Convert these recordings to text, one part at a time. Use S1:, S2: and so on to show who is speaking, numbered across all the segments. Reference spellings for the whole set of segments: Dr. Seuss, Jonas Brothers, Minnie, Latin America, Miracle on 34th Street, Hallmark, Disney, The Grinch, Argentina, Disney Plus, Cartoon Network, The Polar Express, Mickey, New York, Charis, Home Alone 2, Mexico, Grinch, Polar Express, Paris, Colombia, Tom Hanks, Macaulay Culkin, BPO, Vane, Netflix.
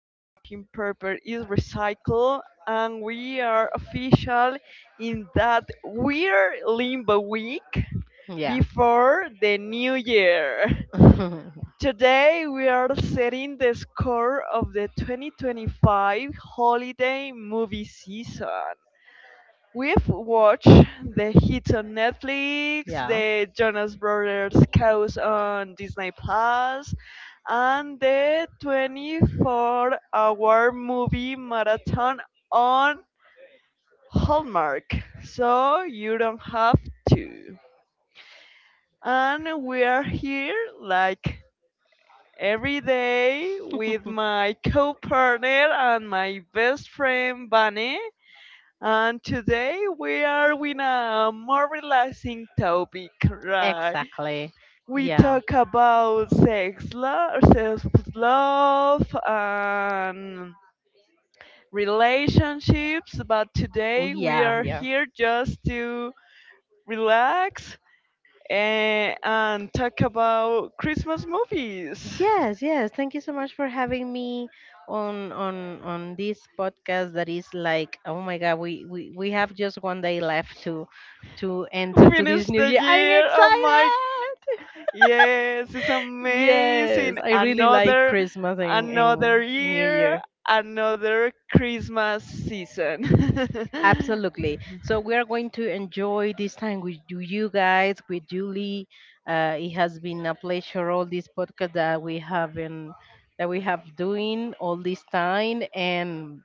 S1: the wrapping paper is recycled, and we are official in that weird limbo week
S2: Yeah.
S1: before the new year. Today we are setting the score of the 2025 holiday movie season. We've watched the hits on Netflix,
S2: yeah.
S1: the Jonas Brothers Chaos on Disney Plus, and the 24-hour movie marathon on Hallmark. So you don't have to. And we are here like every day with my co-partner and my best friend Vane. And today we are with a more relaxing topic, right?
S2: Exactly.
S1: We
S2: Yeah.
S1: talk about sex love, self love, and relationships, but
S2: Oh,
S1: today we
S2: yeah.
S1: are
S2: Yeah.
S1: here just to relax and talk about Christmas movies.
S2: Yes, yes. Thank you so much for having me on on this podcast that is like, oh my God, we have just 1 day left to enter to this
S1: Finish
S2: new
S1: the
S2: year. I'm
S1: year. Oh my.
S2: excited.
S1: Yes, it's amazing.
S2: Yes, I really like
S1: Another
S2: Christmas and
S1: another
S2: New
S1: year,
S2: Year.
S1: another Christmas season.
S2: Absolutely. So we are going to enjoy this time with you guys, with Julie. It has been a pleasure all this podcast that we have been that we have doing all this time, and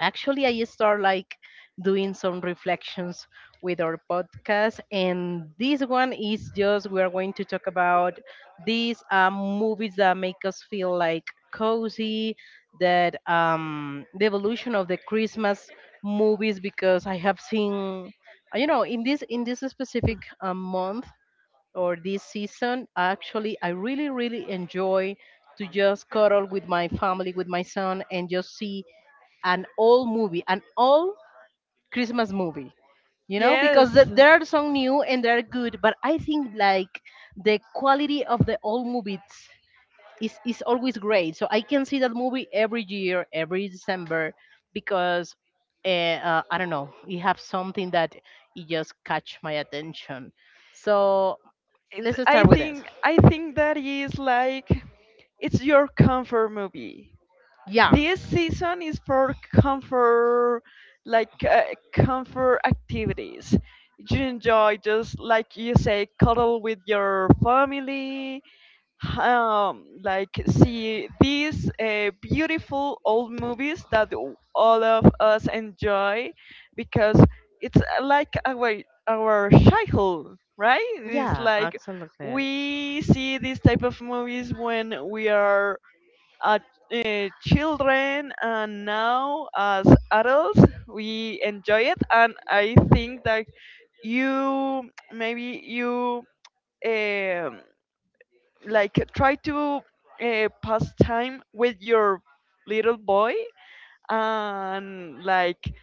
S2: actually I start like doing some reflections with our podcast, and this one is just we are going to talk about these movies that make us feel like cozy, that the evolution of the Christmas movies, because I have seen, you know, in this specific month or this season. Actually I really really enjoy to just cuddle with my family, with my son, and just see an old movie, an old Christmas movie. You know,
S1: Yes.
S2: because there are some new and they're good, but I think like the quality of the old movies is always great. So I can see that movie every year, every December, because uh, I don't know, it have something that it just catch my attention. So
S1: It's,
S2: let's
S1: I
S2: start with this.
S1: think I think that is like it's your comfort movie.
S2: Yeah.
S1: This season is for comfort like comfort activities. You enjoy just like you say cuddle with your family, like see these beautiful old movies that all of us enjoy because it's like our childhood, right? It's
S2: Yeah,
S1: like
S2: absolutely.
S1: we see these type of movies when we are uh, children, and now as adults we enjoy it. And I think that you maybe you um like try to pass time with your little boy, and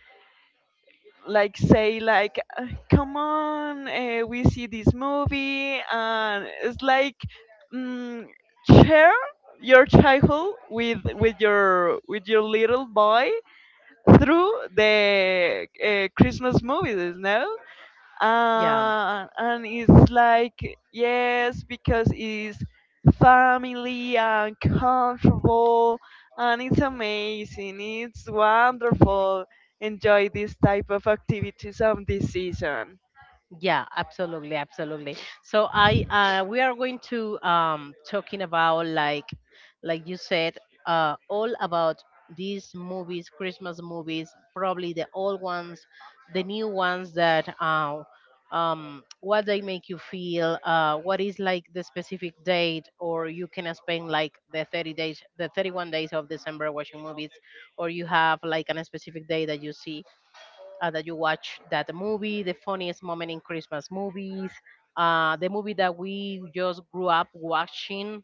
S1: like say like, come on, we see this movie." And it's like mm, share your childhood with with your little boy through the Christmas movies, no?
S2: Yeah.
S1: And it's like yes, because it's family and comfortable, and it's amazing. It's wonderful enjoy this type of activities on this season.
S2: Yeah, absolutely, absolutely. So I we are going to talking about like you said, all about these movies, Christmas movies, probably the old ones, the new ones that what they make you feel, what is like the specific date, or you can spend like the 30 days, the 31 days of December watching movies, or you have like an specific day that you see that you watch that movie, the funniest moment in Christmas movies, the movie that we just grew up watching.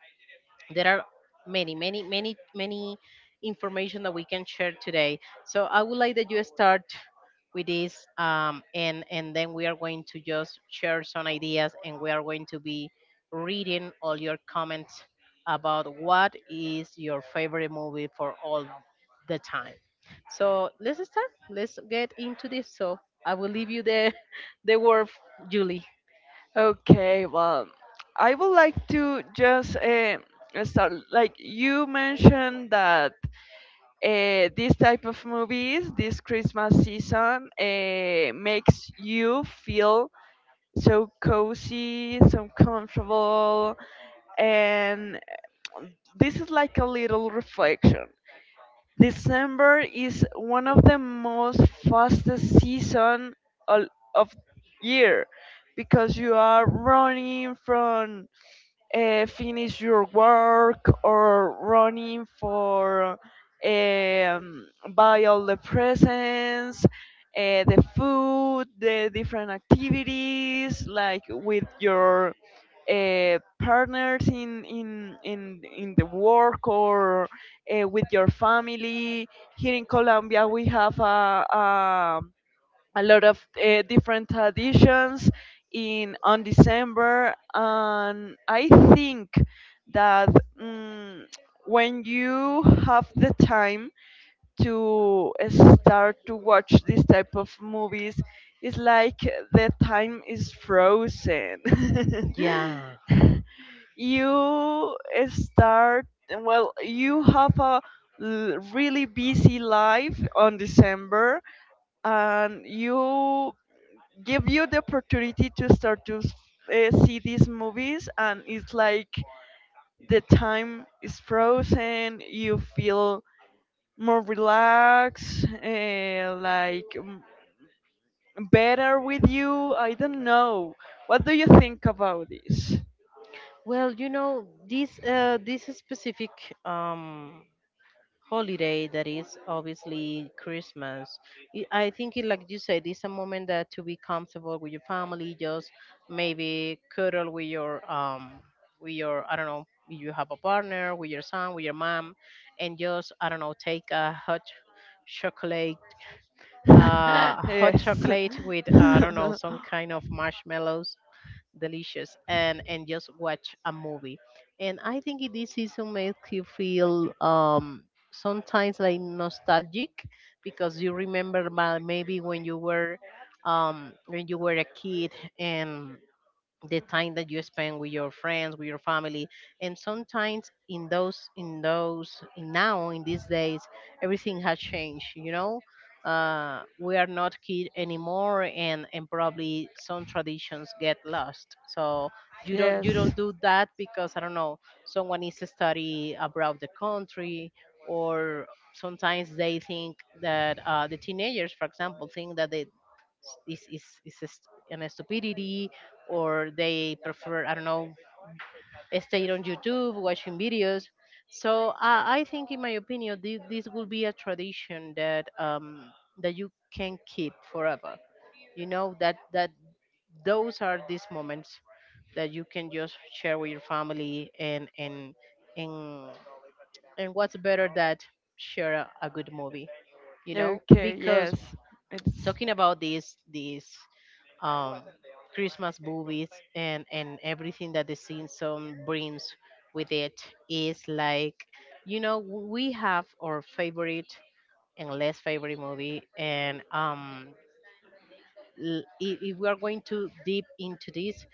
S2: There are many information that we can share today, so I would like that you start with this, and then we are going to just share some ideas, and we are going to be reading all your comments about what is your favorite movie for all the time. So let's start, let's get into this. So I will leave you the the word, Julie.
S1: Okay, well, I would like to just start like you mentioned that this type of movies, this Christmas season, makes you feel so cozy, so comfortable. And this is like a little reflection. December is one of the most fastest season al- of year because you are running from finish your work or running for um, buy all the presents, the food, the different activities like with your partners in, in the work, or with your family. Here in Colombia, we have a lot of different traditions in on December, and I think that mm, when you have the time to start to watch this type of movies, it's like the time is frozen.
S2: Yeah.
S1: You start well. You have a really busy life on December, and you give you the opportunity to start to see these movies, and it's like the time is frozen. You feel more relaxed, like mm, better with you. I don't know, what do you think about this?
S2: Well, you know, this this specific um, holiday that is obviously Christmas.
S1: I
S2: I think, it, like you said, it's a moment that to be comfortable with your family, just maybe cuddle with your with your, I don't know, if you have a partner, with your son, with your mom, and just, I don't know, take a chocolate,
S1: hot
S2: hot
S1: chocolate.
S2: chocolate with, I don't know, some kind of marshmallows, delicious, and just watch a movie. And I think this season makes you feel sometimes like nostalgic, because you remember maybe when you were a kid, and the time that you spend with your friends, with your family. And sometimes in those, in now in these days, everything has changed, you know. We are not kid anymore, and probably some traditions get lost, so you don't you
S1: Yes.
S2: don't do that because, I don't know, someone needs to study abroad the country, or sometimes they think that, the teenagers for example think that they, is a an stupidity, or they prefer, I don't know, stay on YouTube watching videos. So I think, in my opinion, this will be a tradition that that you can keep forever, you know, that those are these moments that you can just share with your family, and and and what's better that share a good movie, you know,
S1: Okay,
S2: because,
S1: yes. It's
S2: talking about this um, Christmas movies and everything that the season brings with it, is like, you know, we have our favorite and less favorite movie. And if we are going to deep into this,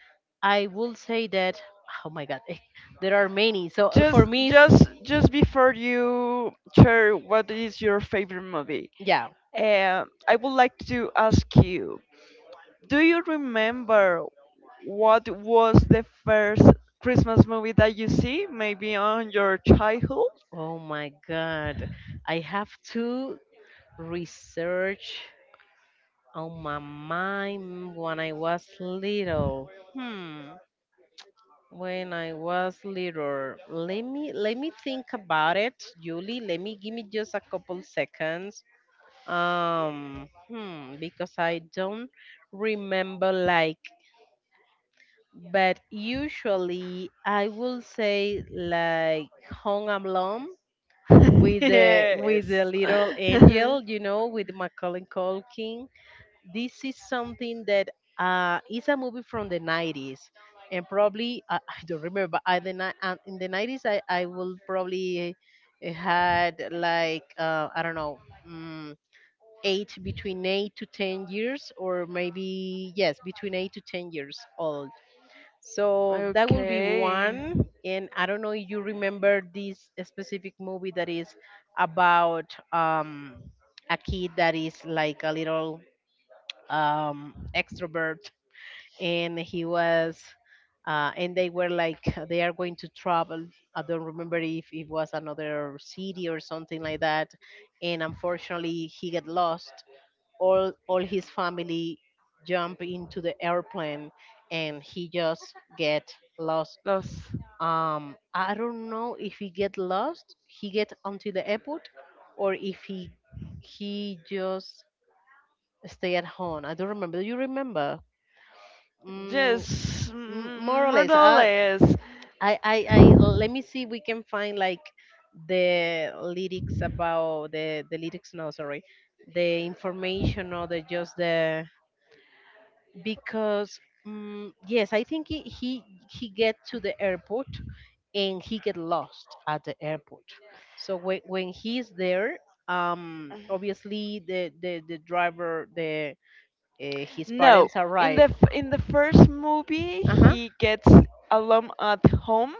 S2: I will say that, oh my god, there are many. So
S1: just
S2: for me it's,
S1: just before you share what is your favorite movie.
S2: yeah.
S1: Um, I would like to ask you, do you remember what was the first Christmas movie that you see? Maybe on your childhood?
S2: Oh my god, I have to research on my mind when I was little. Hmm. When I was little. Let me think about it, Julie. Let me Give me just a couple seconds. Um hmm, because I don't remember like, but usually I will say like Hong Alone,
S1: Yes.
S2: with the little angel, you know, with Macaulay Culkin. This is something that, is a movie from the '90s. And probably I don't remember in the '90s I will probably had like I don't know, um, eight, between 8 to 10 years, or maybe yes, between 8 to 10 years old. So that will be
S1: Okay.
S2: one. And I don't know if you remember this specific movie that is about, a kid that is like a little extrovert, and he was, and they were like they are going to travel. I don't remember if it was another city or something like that, and unfortunately he got lost. All his family jump into the airplane, and he just get lost.
S1: Los.
S2: I don't know if he get lost, he get onto the airport, or if he just stay at home. I don't remember. Do you remember? Mm,
S1: Yes,
S2: m- more
S1: mm,
S2: or
S1: more
S2: less.
S1: or less.
S2: I, I, let me see. We can find like the lyrics about the lyrics. No, sorry, the information, or the just the, because. Mm, yes, I think he get to the airport, and he get lost at the airport. So when he's there, obviously the driver, the his
S1: No,
S2: parents
S1: in the
S2: arrive.
S1: in the first movie,
S2: Uh huh.
S1: he gets alone at home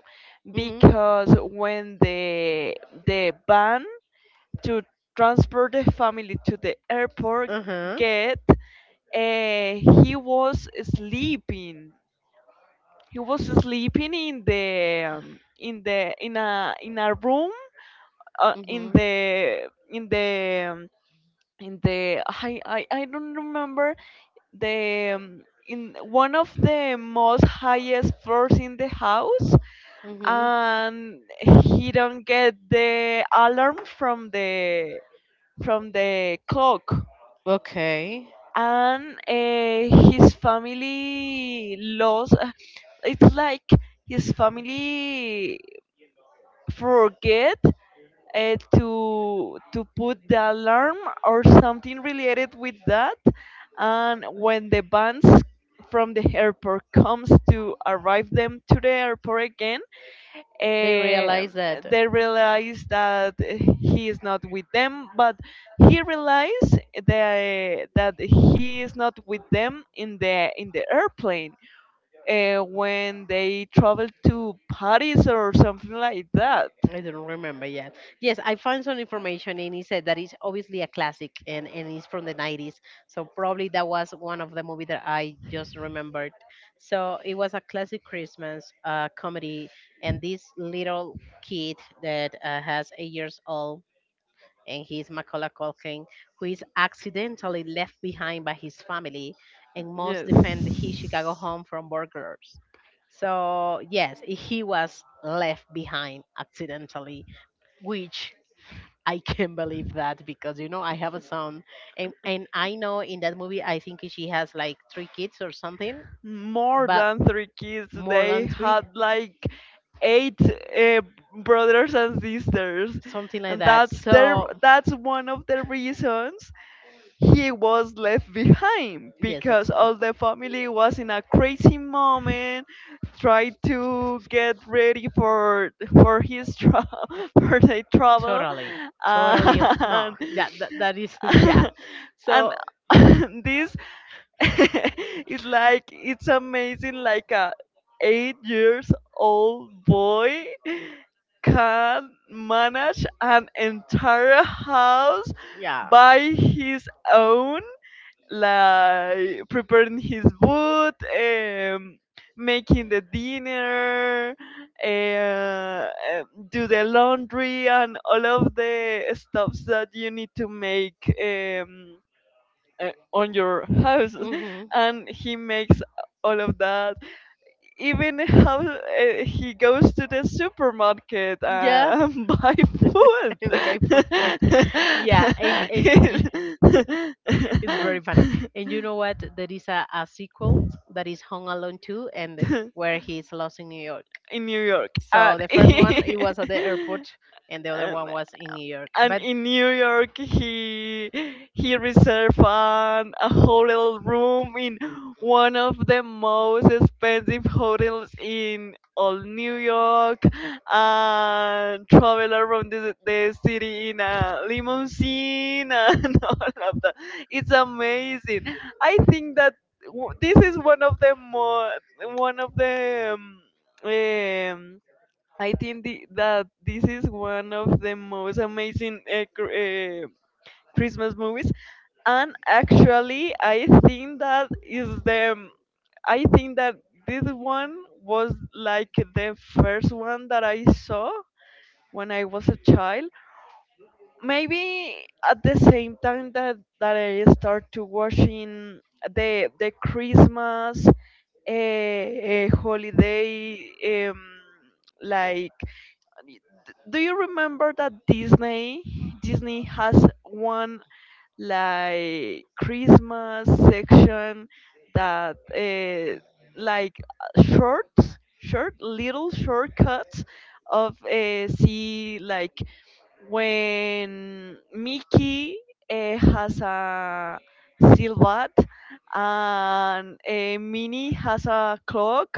S2: Mm-hmm.
S1: because when the van to transport the family to the airport
S2: Uh-huh.
S1: get uh, he was sleeping. He was sleeping in the in the in a room in
S2: Mhm.
S1: the in the in the I don't remember the in one of the most highest floors in the house,
S2: Mhm.
S1: and he don't get the alarm from the clock.
S2: Okay.
S1: And his family lost. It's like his family forget to put the alarm or something related with that. And when the bands from the airport comes to arrive them to the airport again,
S2: They
S1: um,
S2: realize that
S1: they realize that he is not with them, but he realized that, that he is not with them in the airplane when they travel to Paris or something like that.
S2: I don't remember yet. Yes, I found some information, and he said that it's obviously a classic, and it's from the '90s. So probably that was one of the movie that I just remembered. So it was a classic Christmas comedy, and this little kid that has 8 years old, and he's Macaulay Culkin, who is accidentally left behind by his family, and must
S1: Yes.
S2: defend his Chicago home from burglars. So yes, he was left behind accidentally, which I can't believe that, because you know I have a son, and I know in that movie I think she has like three kids or something,
S1: More
S2: but
S1: than three kids.
S2: more
S1: They
S2: than three,
S1: had like eight brothers and sisters,
S2: something like
S1: and
S2: that.
S1: that's their
S2: So
S1: that's one of the reasons he was left behind,
S2: yes,
S1: because
S2: that's all.
S1: all the family was in a crazy moment tried to get ready for his for the trouble
S2: Totally. Totally. No.
S1: and
S2: Yeah. That, that is. Yeah.
S1: and
S2: So.
S1: this it's like it's amazing like a 8 years old boy can manage an entire house
S2: Yeah.
S1: by his own, like preparing his food, um, making the dinner, uh, do the laundry and all of the stuffs that you need to make on your house.
S2: Mhm.
S1: And he makes all of that, even how he goes to the supermarket
S2: Yeah.
S1: and buy food.
S2: Pay for food. Yeah. And you- it's very funny. And you know what? There is a sequel that is Home Alone 2, and
S1: It-
S2: where he's lost in New York.
S1: in New York.
S2: So
S1: And,
S2: the first one it was at the airport, and the other one was in New York.
S1: and
S2: But
S1: in New York, he reserved an, a hotel room in one of the most expensive hotels in all New York, and travel around the city in a limousine and all of that. It's amazing. I think that this is one of the more one of the um, I think the, that this is one of the most amazing Christmas movies. And actually, I think that is the I think that this one was like the first one that I saw when I was a child. Maybe at the same time that, that I start to watching the Christmas holiday like y- do you remember that Disney has one like Christmas section that like short short little shortcuts of see like when Mickey has a silhouette, and Minnie has a clock,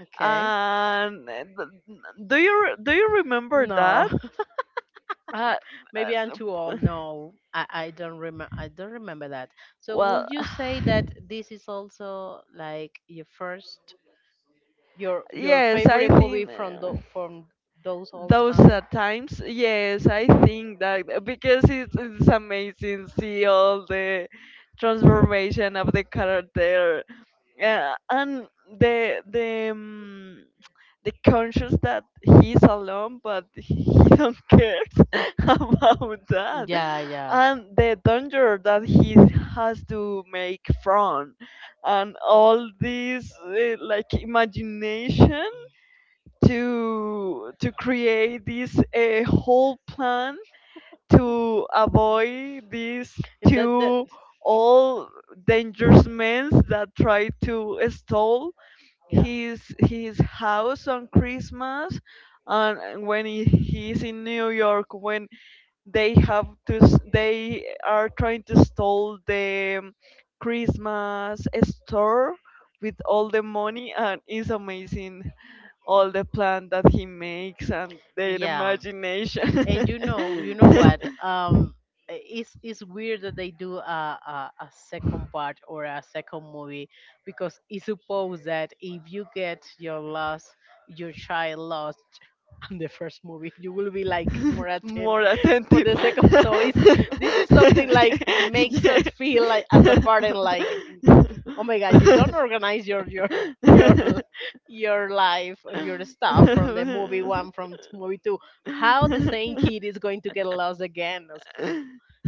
S2: okay.
S1: and do you do you remember
S2: No.
S1: that? Uh, uh,
S2: Maybe I'm too old. No, I don't remember. I don't remember that. So,
S1: well,
S2: would you say that this is also like your first, your
S1: yes, I
S2: favorite movie
S1: think
S2: from from those old
S1: those
S2: time?
S1: are times. Yes, I think that because it's amazing see all the transformation of the character. Yeah, and the the um, the conscious that he's alone, but he don't cares about that,
S2: Yeah, yeah.
S1: and the danger that he has to make from, and all this like imagination to create this whole plan to avoid these
S2: And that that
S1: two all dangerous men that try to stall
S2: yeah.
S1: his house on Christmas. And when he, he's in New York, when they have to they are trying to stall the Christmas store with all the money, and it's amazing all the plan that he makes and their
S2: Yeah.
S1: imagination.
S2: And you know what? It's weird that they do a second part or a second movie, because it's supposed that if you get your lost, your child lost on the first movie, you will be like more
S1: More
S2: attentive for
S1: attentive.
S2: the second. So it's this is something like makes
S1: Yeah.
S2: us feel like as a parent, like, oh my god, you don't organize your your l- your life and your stuff from the movie one from movie two. How the same kid is going to get lost again? As-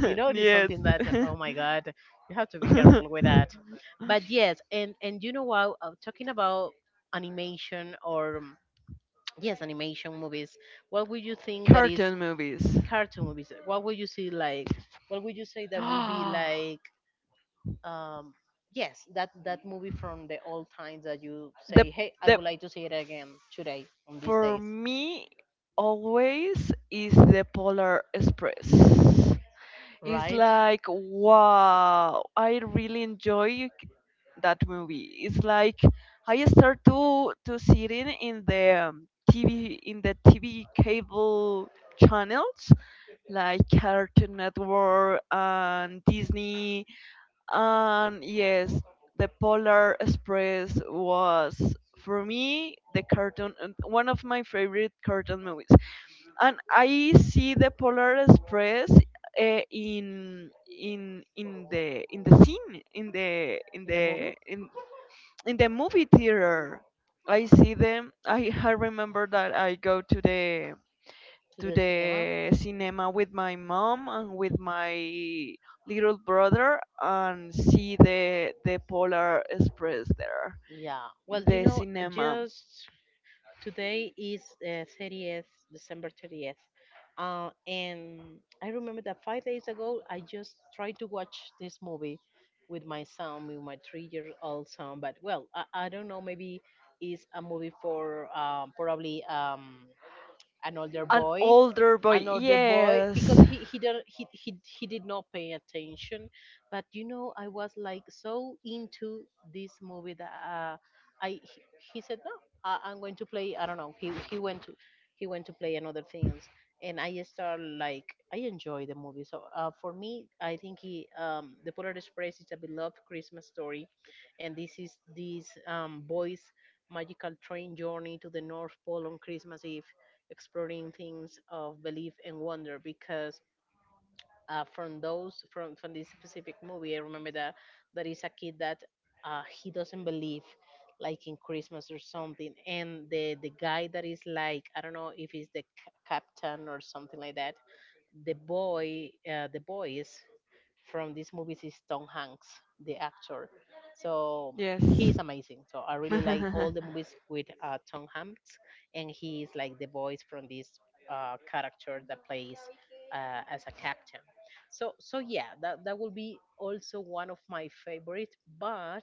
S2: You know, it is
S1: Yes.
S2: something that, oh my god, you have to be careful with that. But yes, and you know what? Talking about animation or yes, animation movies. What would you think that is
S1: Cartoon movies.
S2: cartoon movies? What would you see like? What would you say that would be like? Um, yes, that that movie from the old times that you
S1: The
S2: say, hey, I
S1: the
S2: would like to see it again today on these
S1: for
S2: days,
S1: me always is the Polar Express. It's
S2: right?
S1: like wow, I really enjoy that movie. It's like I start to sitting in the TV in the TV cable channels like Cartoon Network and Disney. And yes, the Polar Express was for me the cartoon and one of my favorite cartoon movies. And I see the Polar Express in in the in the scene in the in
S2: The movie
S1: the in in the movie theater. I see them. I remember that I go
S2: to
S1: to
S2: the cinema.
S1: the cinema with my mom and with my little brother and see the Polar Express there
S2: Yeah. Well,
S1: in
S2: you
S1: the
S2: know,
S1: cinema.
S2: just today is 30th, December 30th. And I remember that 5 days ago, I just tried to watch this movie with my son, with my three-year-old son. But well, I don't know. Maybe it's a movie for probably an older
S1: An
S2: boy
S1: older boy,
S2: an older boy
S1: yes,
S2: because he did not pay attention. But you know, I was like so into this movie that I he said no. I'm going to play, I don't know, he went to he went to play another things. And I start like I enjoy the movie. So for me, I think he the Polar Express is a beloved Christmas story, and this is this boys magical train journey to the North Pole on Christmas Eve, exploring things of belief and wonder. Because from those from this specific movie, I remember that there is a kid that he doesn't believe like in Christmas or something. And the guy that is like, I don't know if he's the captain or something like that. The boys from these movies is Tom Hanks, the actor. So
S1: yes.
S2: he is amazing. So I really like all the movies with Tom Hanks, and he is like the voice from this character that plays as a captain. So yeah, that will be also one of my favorite. But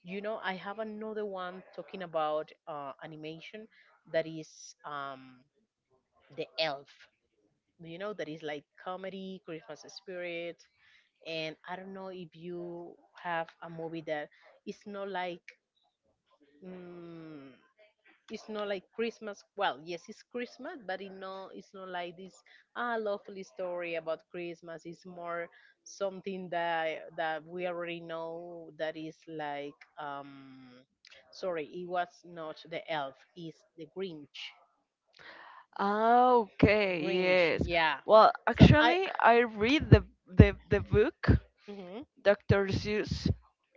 S2: you know, I have another one talking about animation, that is the Elf. You know, that is like comedy, Christmas spirit. And I don't know if you have a movie that it's not like, mm, it's not like Christmas. Well, yes, it's Christmas, but it no, it's not like this ah lovely story about Christmas. It's more something that we already know, that is like sorry, it was not the Elf, it's the Grinch.
S1: Ah, okay,
S2: Grinch,
S1: yes.
S2: yeah.
S1: Well,
S2: So I
S1: actually, I read the book
S2: mhm,
S1: Dr. Seuss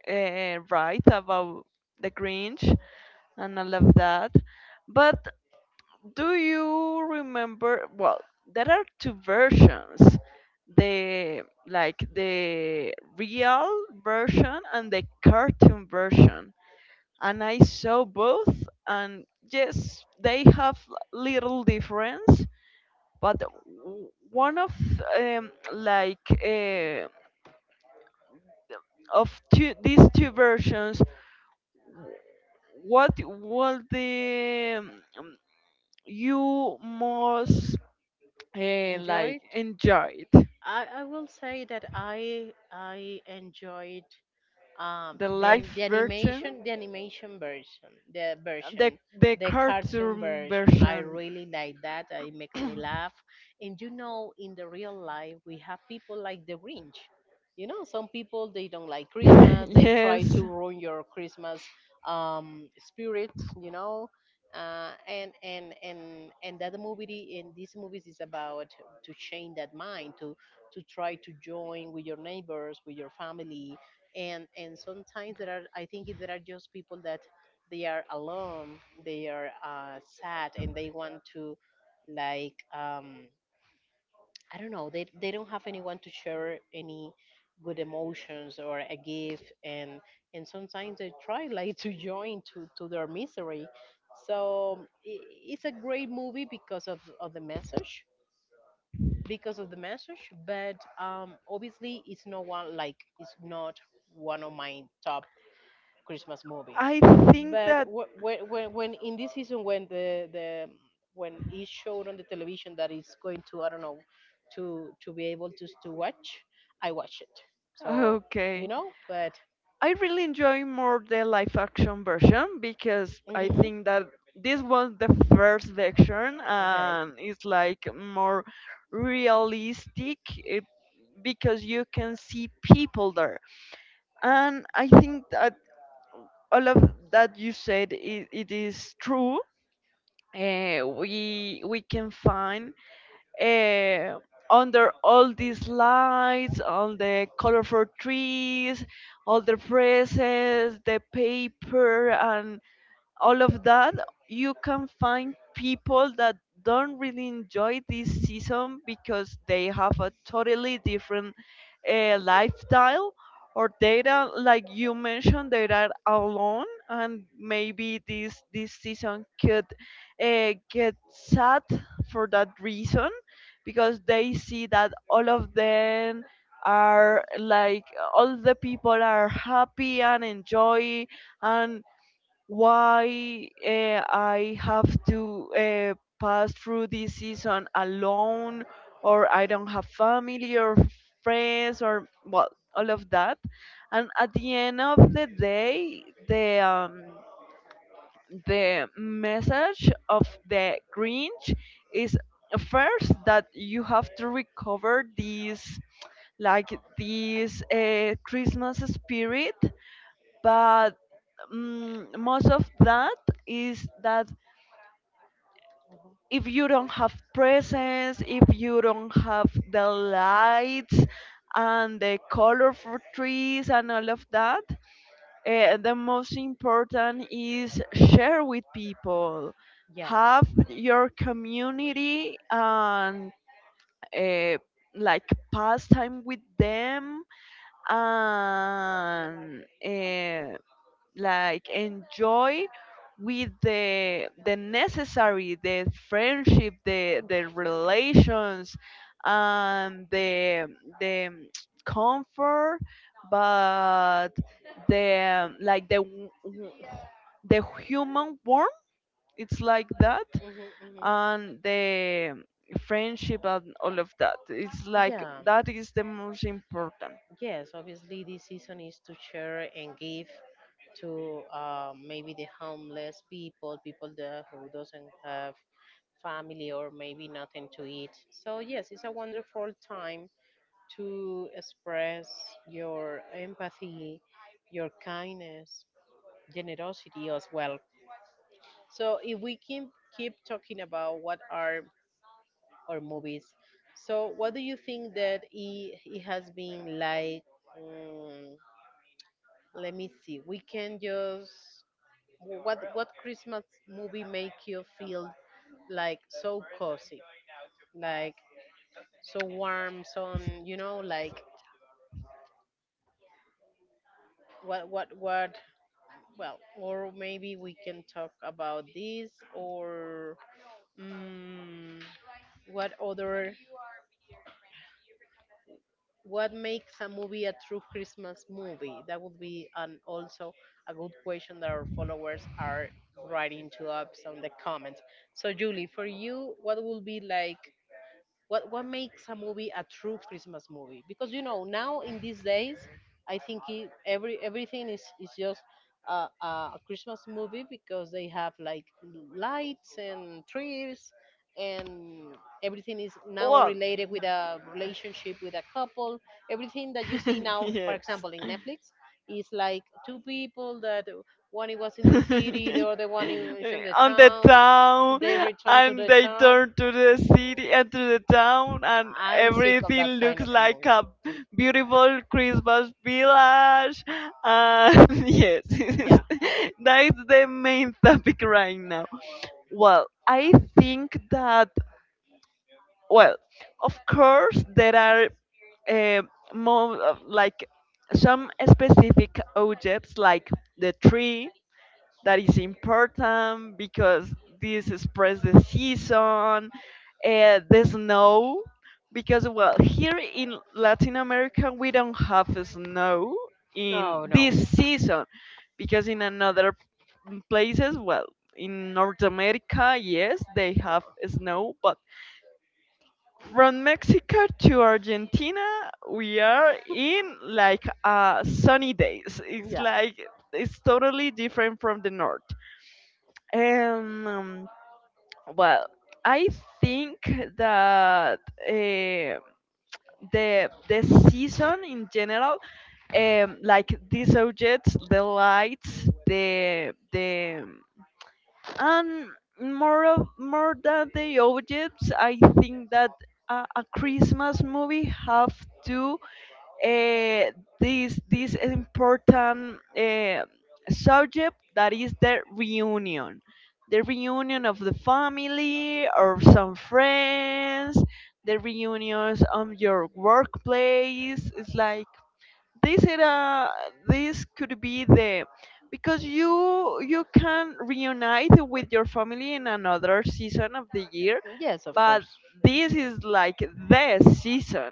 S1: write about the Grinch and all of that. But do you remember? Well, there are two versions. The like the real version and the cartoon version. And I saw both, and yes, they have little difference. But one of like of two these two versions, what was the um, you most
S2: enjoyed.
S1: like enjoyed
S2: I will say that I enjoyed
S1: the live
S2: the
S1: version
S2: animation
S1: the
S2: version,
S1: the
S2: the cartoon
S1: cartoon
S2: version. I
S1: version.
S2: really like that. It makes me laugh. And you know, in the real life we have people like the Grinch. You know, some people, they don't like Christmas, they try to
S1: Yes,
S2: ruin your Christmas spirit, you know. And that movie in these movies is about to change that mind, to try to join with your neighbors, with your family. And sometimes there are, I think there are just people that they are alone, they are sad, and they want to like I don't know, they don't have anyone to share any good emotions or a gift. And sometimes they try like to join to their misery. So I it's a great movie because of the message, because of the message. But obviously it's not one, like it's not one of my top Christmas movie.
S1: I think
S2: But
S1: that.
S2: when in this season, when the when it showed on the television that it's going to, I don't know, to be able to watch, I watched it. So
S1: Okay.
S2: you know, but
S1: I really enjoy more the live action version because I
S2: hmm,
S1: think that this was the first version
S2: okay,
S1: and it's like more realistic it, because you can see people there. And I think that all of that you said it, it is true. We can find eh, under all these lights, all the colorful trees, all the presents, the paper, and all of that, you can find people that don't really enjoy this season because they have a totally different lifestyle, or they are like you mentioned they are alone, and maybe this this season could get sad for that reason, because they see that all of them are like all the people are happy and enjoy. And why I have to pass through this season alone, or I don't have family or friends, or well, all of that. And at the end of the day, the message of the Grinch is first that you have to recover like this Christmas spirit, but most of that is that if you don't have presence, if you don't have the lights and the colorful trees and all of that, the most important is share with people,
S2: yeah,
S1: have your community, and uh, like pass time with them. and. eh, like enjoy with the necessary, the friendship, the relations, and the comfort, but the like the the human warmth. It's like that.
S2: hmm. Hmm.
S1: And the friendship and all of that, it's like
S2: Yeah.
S1: that is the most important.
S2: Yes, obviously this season is to share and give to maybe the homeless people, people there who doesn't have family or maybe nothing to eat. So yes, it's a wonderful time to express your empathy, your kindness, generosity as well. So if we keep talking about what are our movies, so what do you think that it has been like? mm Let me see. We can just what Christmas movie make you feel like so cozy, like so warm, so you know, like what? Well, or maybe we can talk about this, or mm, what other what makes a movie a true Christmas movie? That would be an also a good question that our followers are writing to us on the comments. So, Julie, for you, what will be like what makes a movie a true Christmas movie? Because you know now in these days, I think every everything is just a, a a Christmas movie because they have like lights and trees, and everything is now
S1: Well,
S2: related with a relationship with a couple. Everything that you see now, for
S1: yes.
S2: example, in Netflix, is like two people that one it was in the city, the other one is in the
S1: On the
S2: town.
S1: town,
S2: They return to
S1: and
S2: the
S1: they
S2: town.
S1: turn to the city and to the town, and
S2: I'm sick of
S1: everything
S2: that kind
S1: looks
S2: of
S1: like
S2: movie.
S1: a beautiful Christmas village, and yes.
S2: Yeah.
S1: That's the main topic right now. Well, I think that, well, of course, there are uh, more of like some specific objects like the tree, that is important because this express the season. The snow, because, well, here in Latin America we don't have snow
S2: Oh
S1: in
S2: no.
S1: this season, because in another places, well, in North America, yes, they have snow, but from Mexico to Argentina, we are in like sunny days. It's
S2: Yeah.
S1: like it's totally different from the north. And well, I think that uh, the season in general, like these objects, the lights, the, and more of more than the objects, I think that a Christmas movie have to uh, this this important subject, that is the reunion of the family or some friends, the reunions of your workplace. It's like this era this could be the, because you can reunite with your family in another season of the year,
S2: Yes, of
S1: but
S2: course.
S1: this is like the season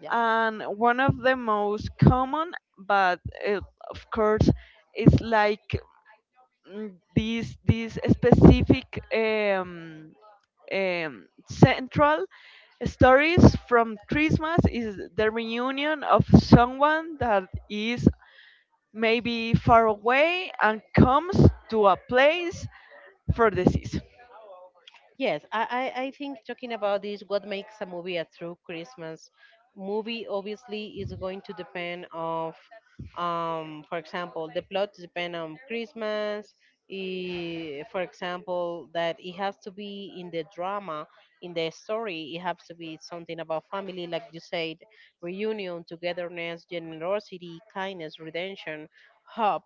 S2: Yeah.
S1: and one of the most common. But uh, of course, it's like mm, this this specific central stories from Christmas is the reunion of someone that is maybe far away and comes to a place for the season.
S2: Yes, I think talking about this, what makes a movie a true Christmas movie obviously is going to depend of, for example, the plot depend on Christmas. Eh, for example, that it has to be in the drama, in the story, it has to be something about family, like you said, reunion, togetherness, generosity, kindness, redemption, hope,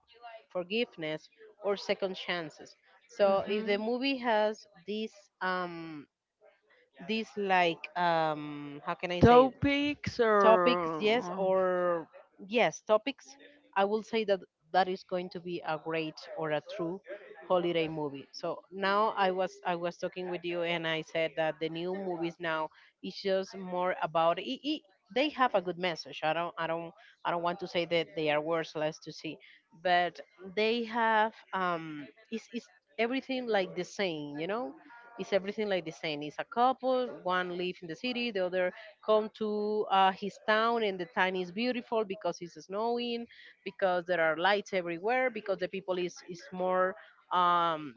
S2: forgiveness, or second chances. So if the movie has this um like how can I say
S1: Topics
S2: topics, yes,
S1: or
S2: or yes, topics. I will say that that is going to be a great or a true holiday movie. So now I was talking with you, and I said that the new movies now is just more about it, they have a good message. I don't want to say that they are worthless to see, but they have it's everything like the same, you know. It's everything like the same. It's a couple, one live in the city, the other come to his town, and the town is beautiful because it's snowing, because there are lights everywhere, because the people is more um,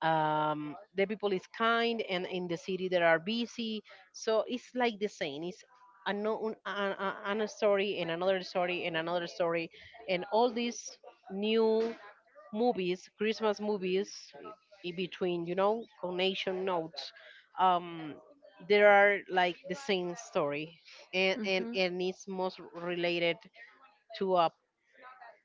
S2: the people is kind, and in the city there are busy. So it's like the same, it's ano- an- a another story and another story and another story. And all these new movies, Christmas movies in between, you know, connection notes, um, there are like the same story. And and it's most related to a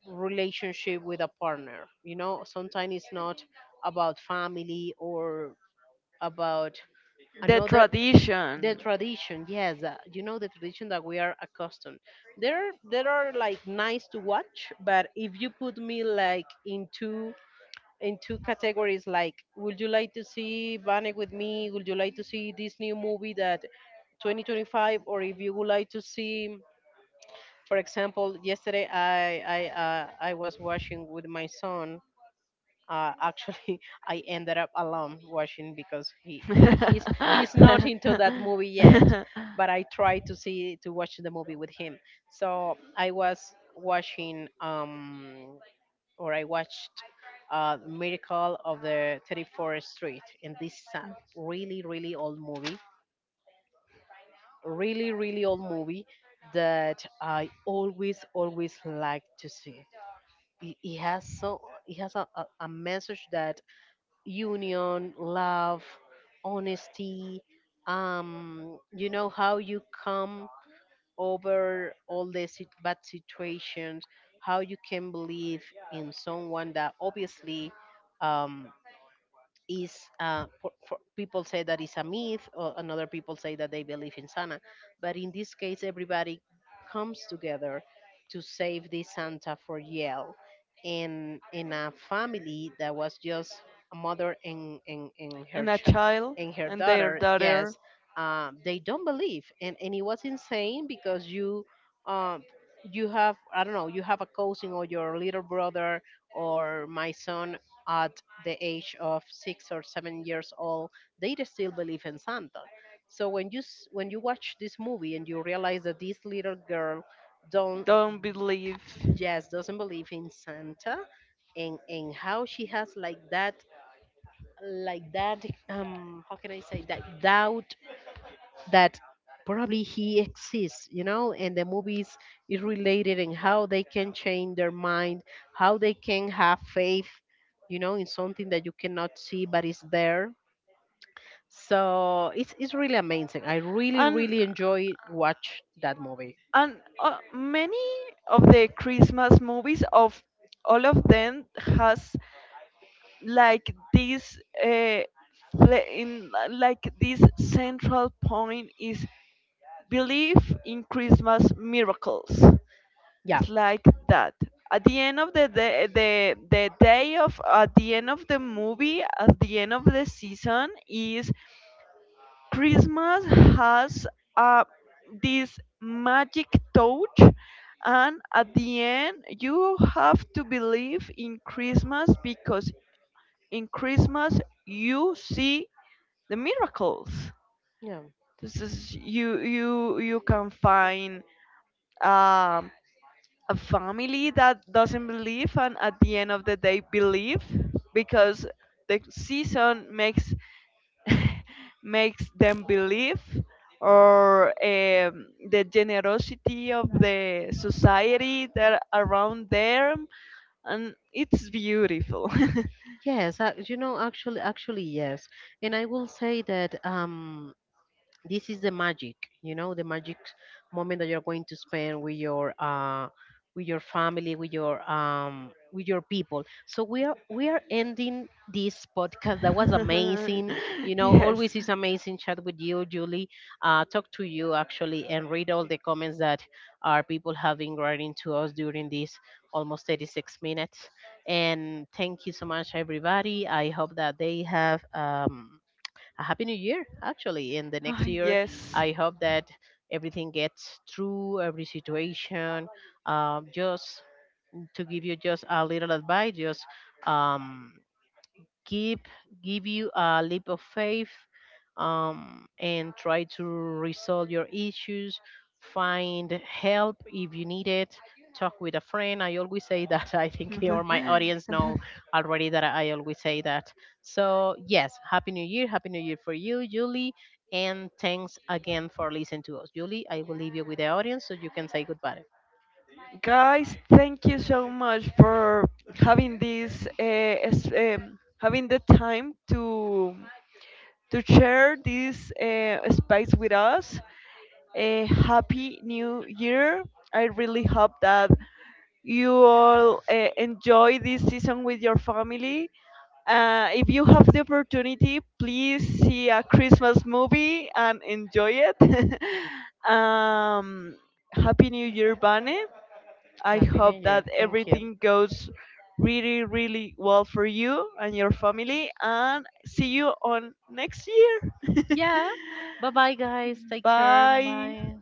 S2: relationship with a partner. You know, sometimes it's not about family, or about
S1: the
S2: another the
S1: tradition.
S2: tradition, yes. You know, the tradition that we are accustomed, there are like nice to watch. But if you put me like into in two categories, like would you like to see Vanek with me, would you like to see this new movie that 2025, or if you would like to see for example yesterday. I was watching with my son, actually I ended up alone watching because he's not into that movie yet, but I tried to see to watch the movie with him. So I was watching or I watched Miracle of the 34th Street, and this is a really, really old movie, really, really old movie that I always, always like to see. It has so it has a message that union, love, honesty, you know how you come over all the bad situations, how you can believe in someone that obviously um, is for people say that it's a myth, or another people say that they believe in Santa. But in this case everybody comes together to save this Santa for Yale. And in a family that was just a mother, and her
S1: And a child.
S2: and her
S1: And their
S2: daughter, yes.
S1: daughter
S2: Um, they don't believe, and it was insane because you um, you have I don't know, you have a cousin or your little brother or my son at the age of 6 or 7 years old, they still believe in Santa. So when you watch this movie and you realize that this little girl don't
S1: don't believe.
S2: just doesn't believe in Santa. And how she has like that how can I say that doubt that probably he exists, you know. And the movies is related in how they can change their mind, how they can have faith, you know, in something that you cannot see but is there. So it's really amazing. I really
S1: and
S2: really enjoy watch that movie.
S1: and many of the Christmas movies, of all of them, has like this uh, in like this central point is belief in Christmas miracles.
S2: Yeah.
S1: It's like that. At the end of the day of at the end of the movie, at the end of the season, is Christmas has uh, this magic touch, and at the end, you have to believe in Christmas, because in Christmas you see the miracles.
S2: Yeah.
S1: This is you you you can find um, a family that doesn't believe, and at the end of the day, believe, because the season makes them believe, or the generosity of the society that around them, and it's beautiful.
S2: Yes, you know, actually yes. And I will say that this is the magic, you know, the magic moment that you're going to spend with your family, with your people. So we are ending this podcast that was amazing. You know,
S1: Yes.
S2: always is amazing chat with you, Julie. Uh, talk to you actually, and read all the comments that our people have been writing to us during this almost 36 minutes. And thank you so much, everybody. I hope that they have a happy new year actually in the
S1: Ah,
S2: next year.
S1: yes.
S2: I hope that everything gets through every situation. Um, just to give you just a little advice, just um, give give you a leap of faith, and try to resolve your issues, find help if you need it, talk with a friend. I always say that I think or my audience know already that I always say that. So yes, happy new year, happy new year for you, Julie. And thanks again for listening to us, Julie. I will leave you with the audience so you can say goodbye.
S1: Guys, thank you so much for having this, having the time to share this space with us. A happy new year! I really hope that you all enjoy this season with your family. If you have the opportunity, please see a Christmas movie and enjoy it. um, Happy New Year, Bane. I
S2: Happy new
S1: hope that
S2: year, thank you.
S1: everything goes really, really well for you and your family. And see you on next year.
S2: Yeah. Bye bye, guys. Take care.
S1: Bye.
S2: Bye.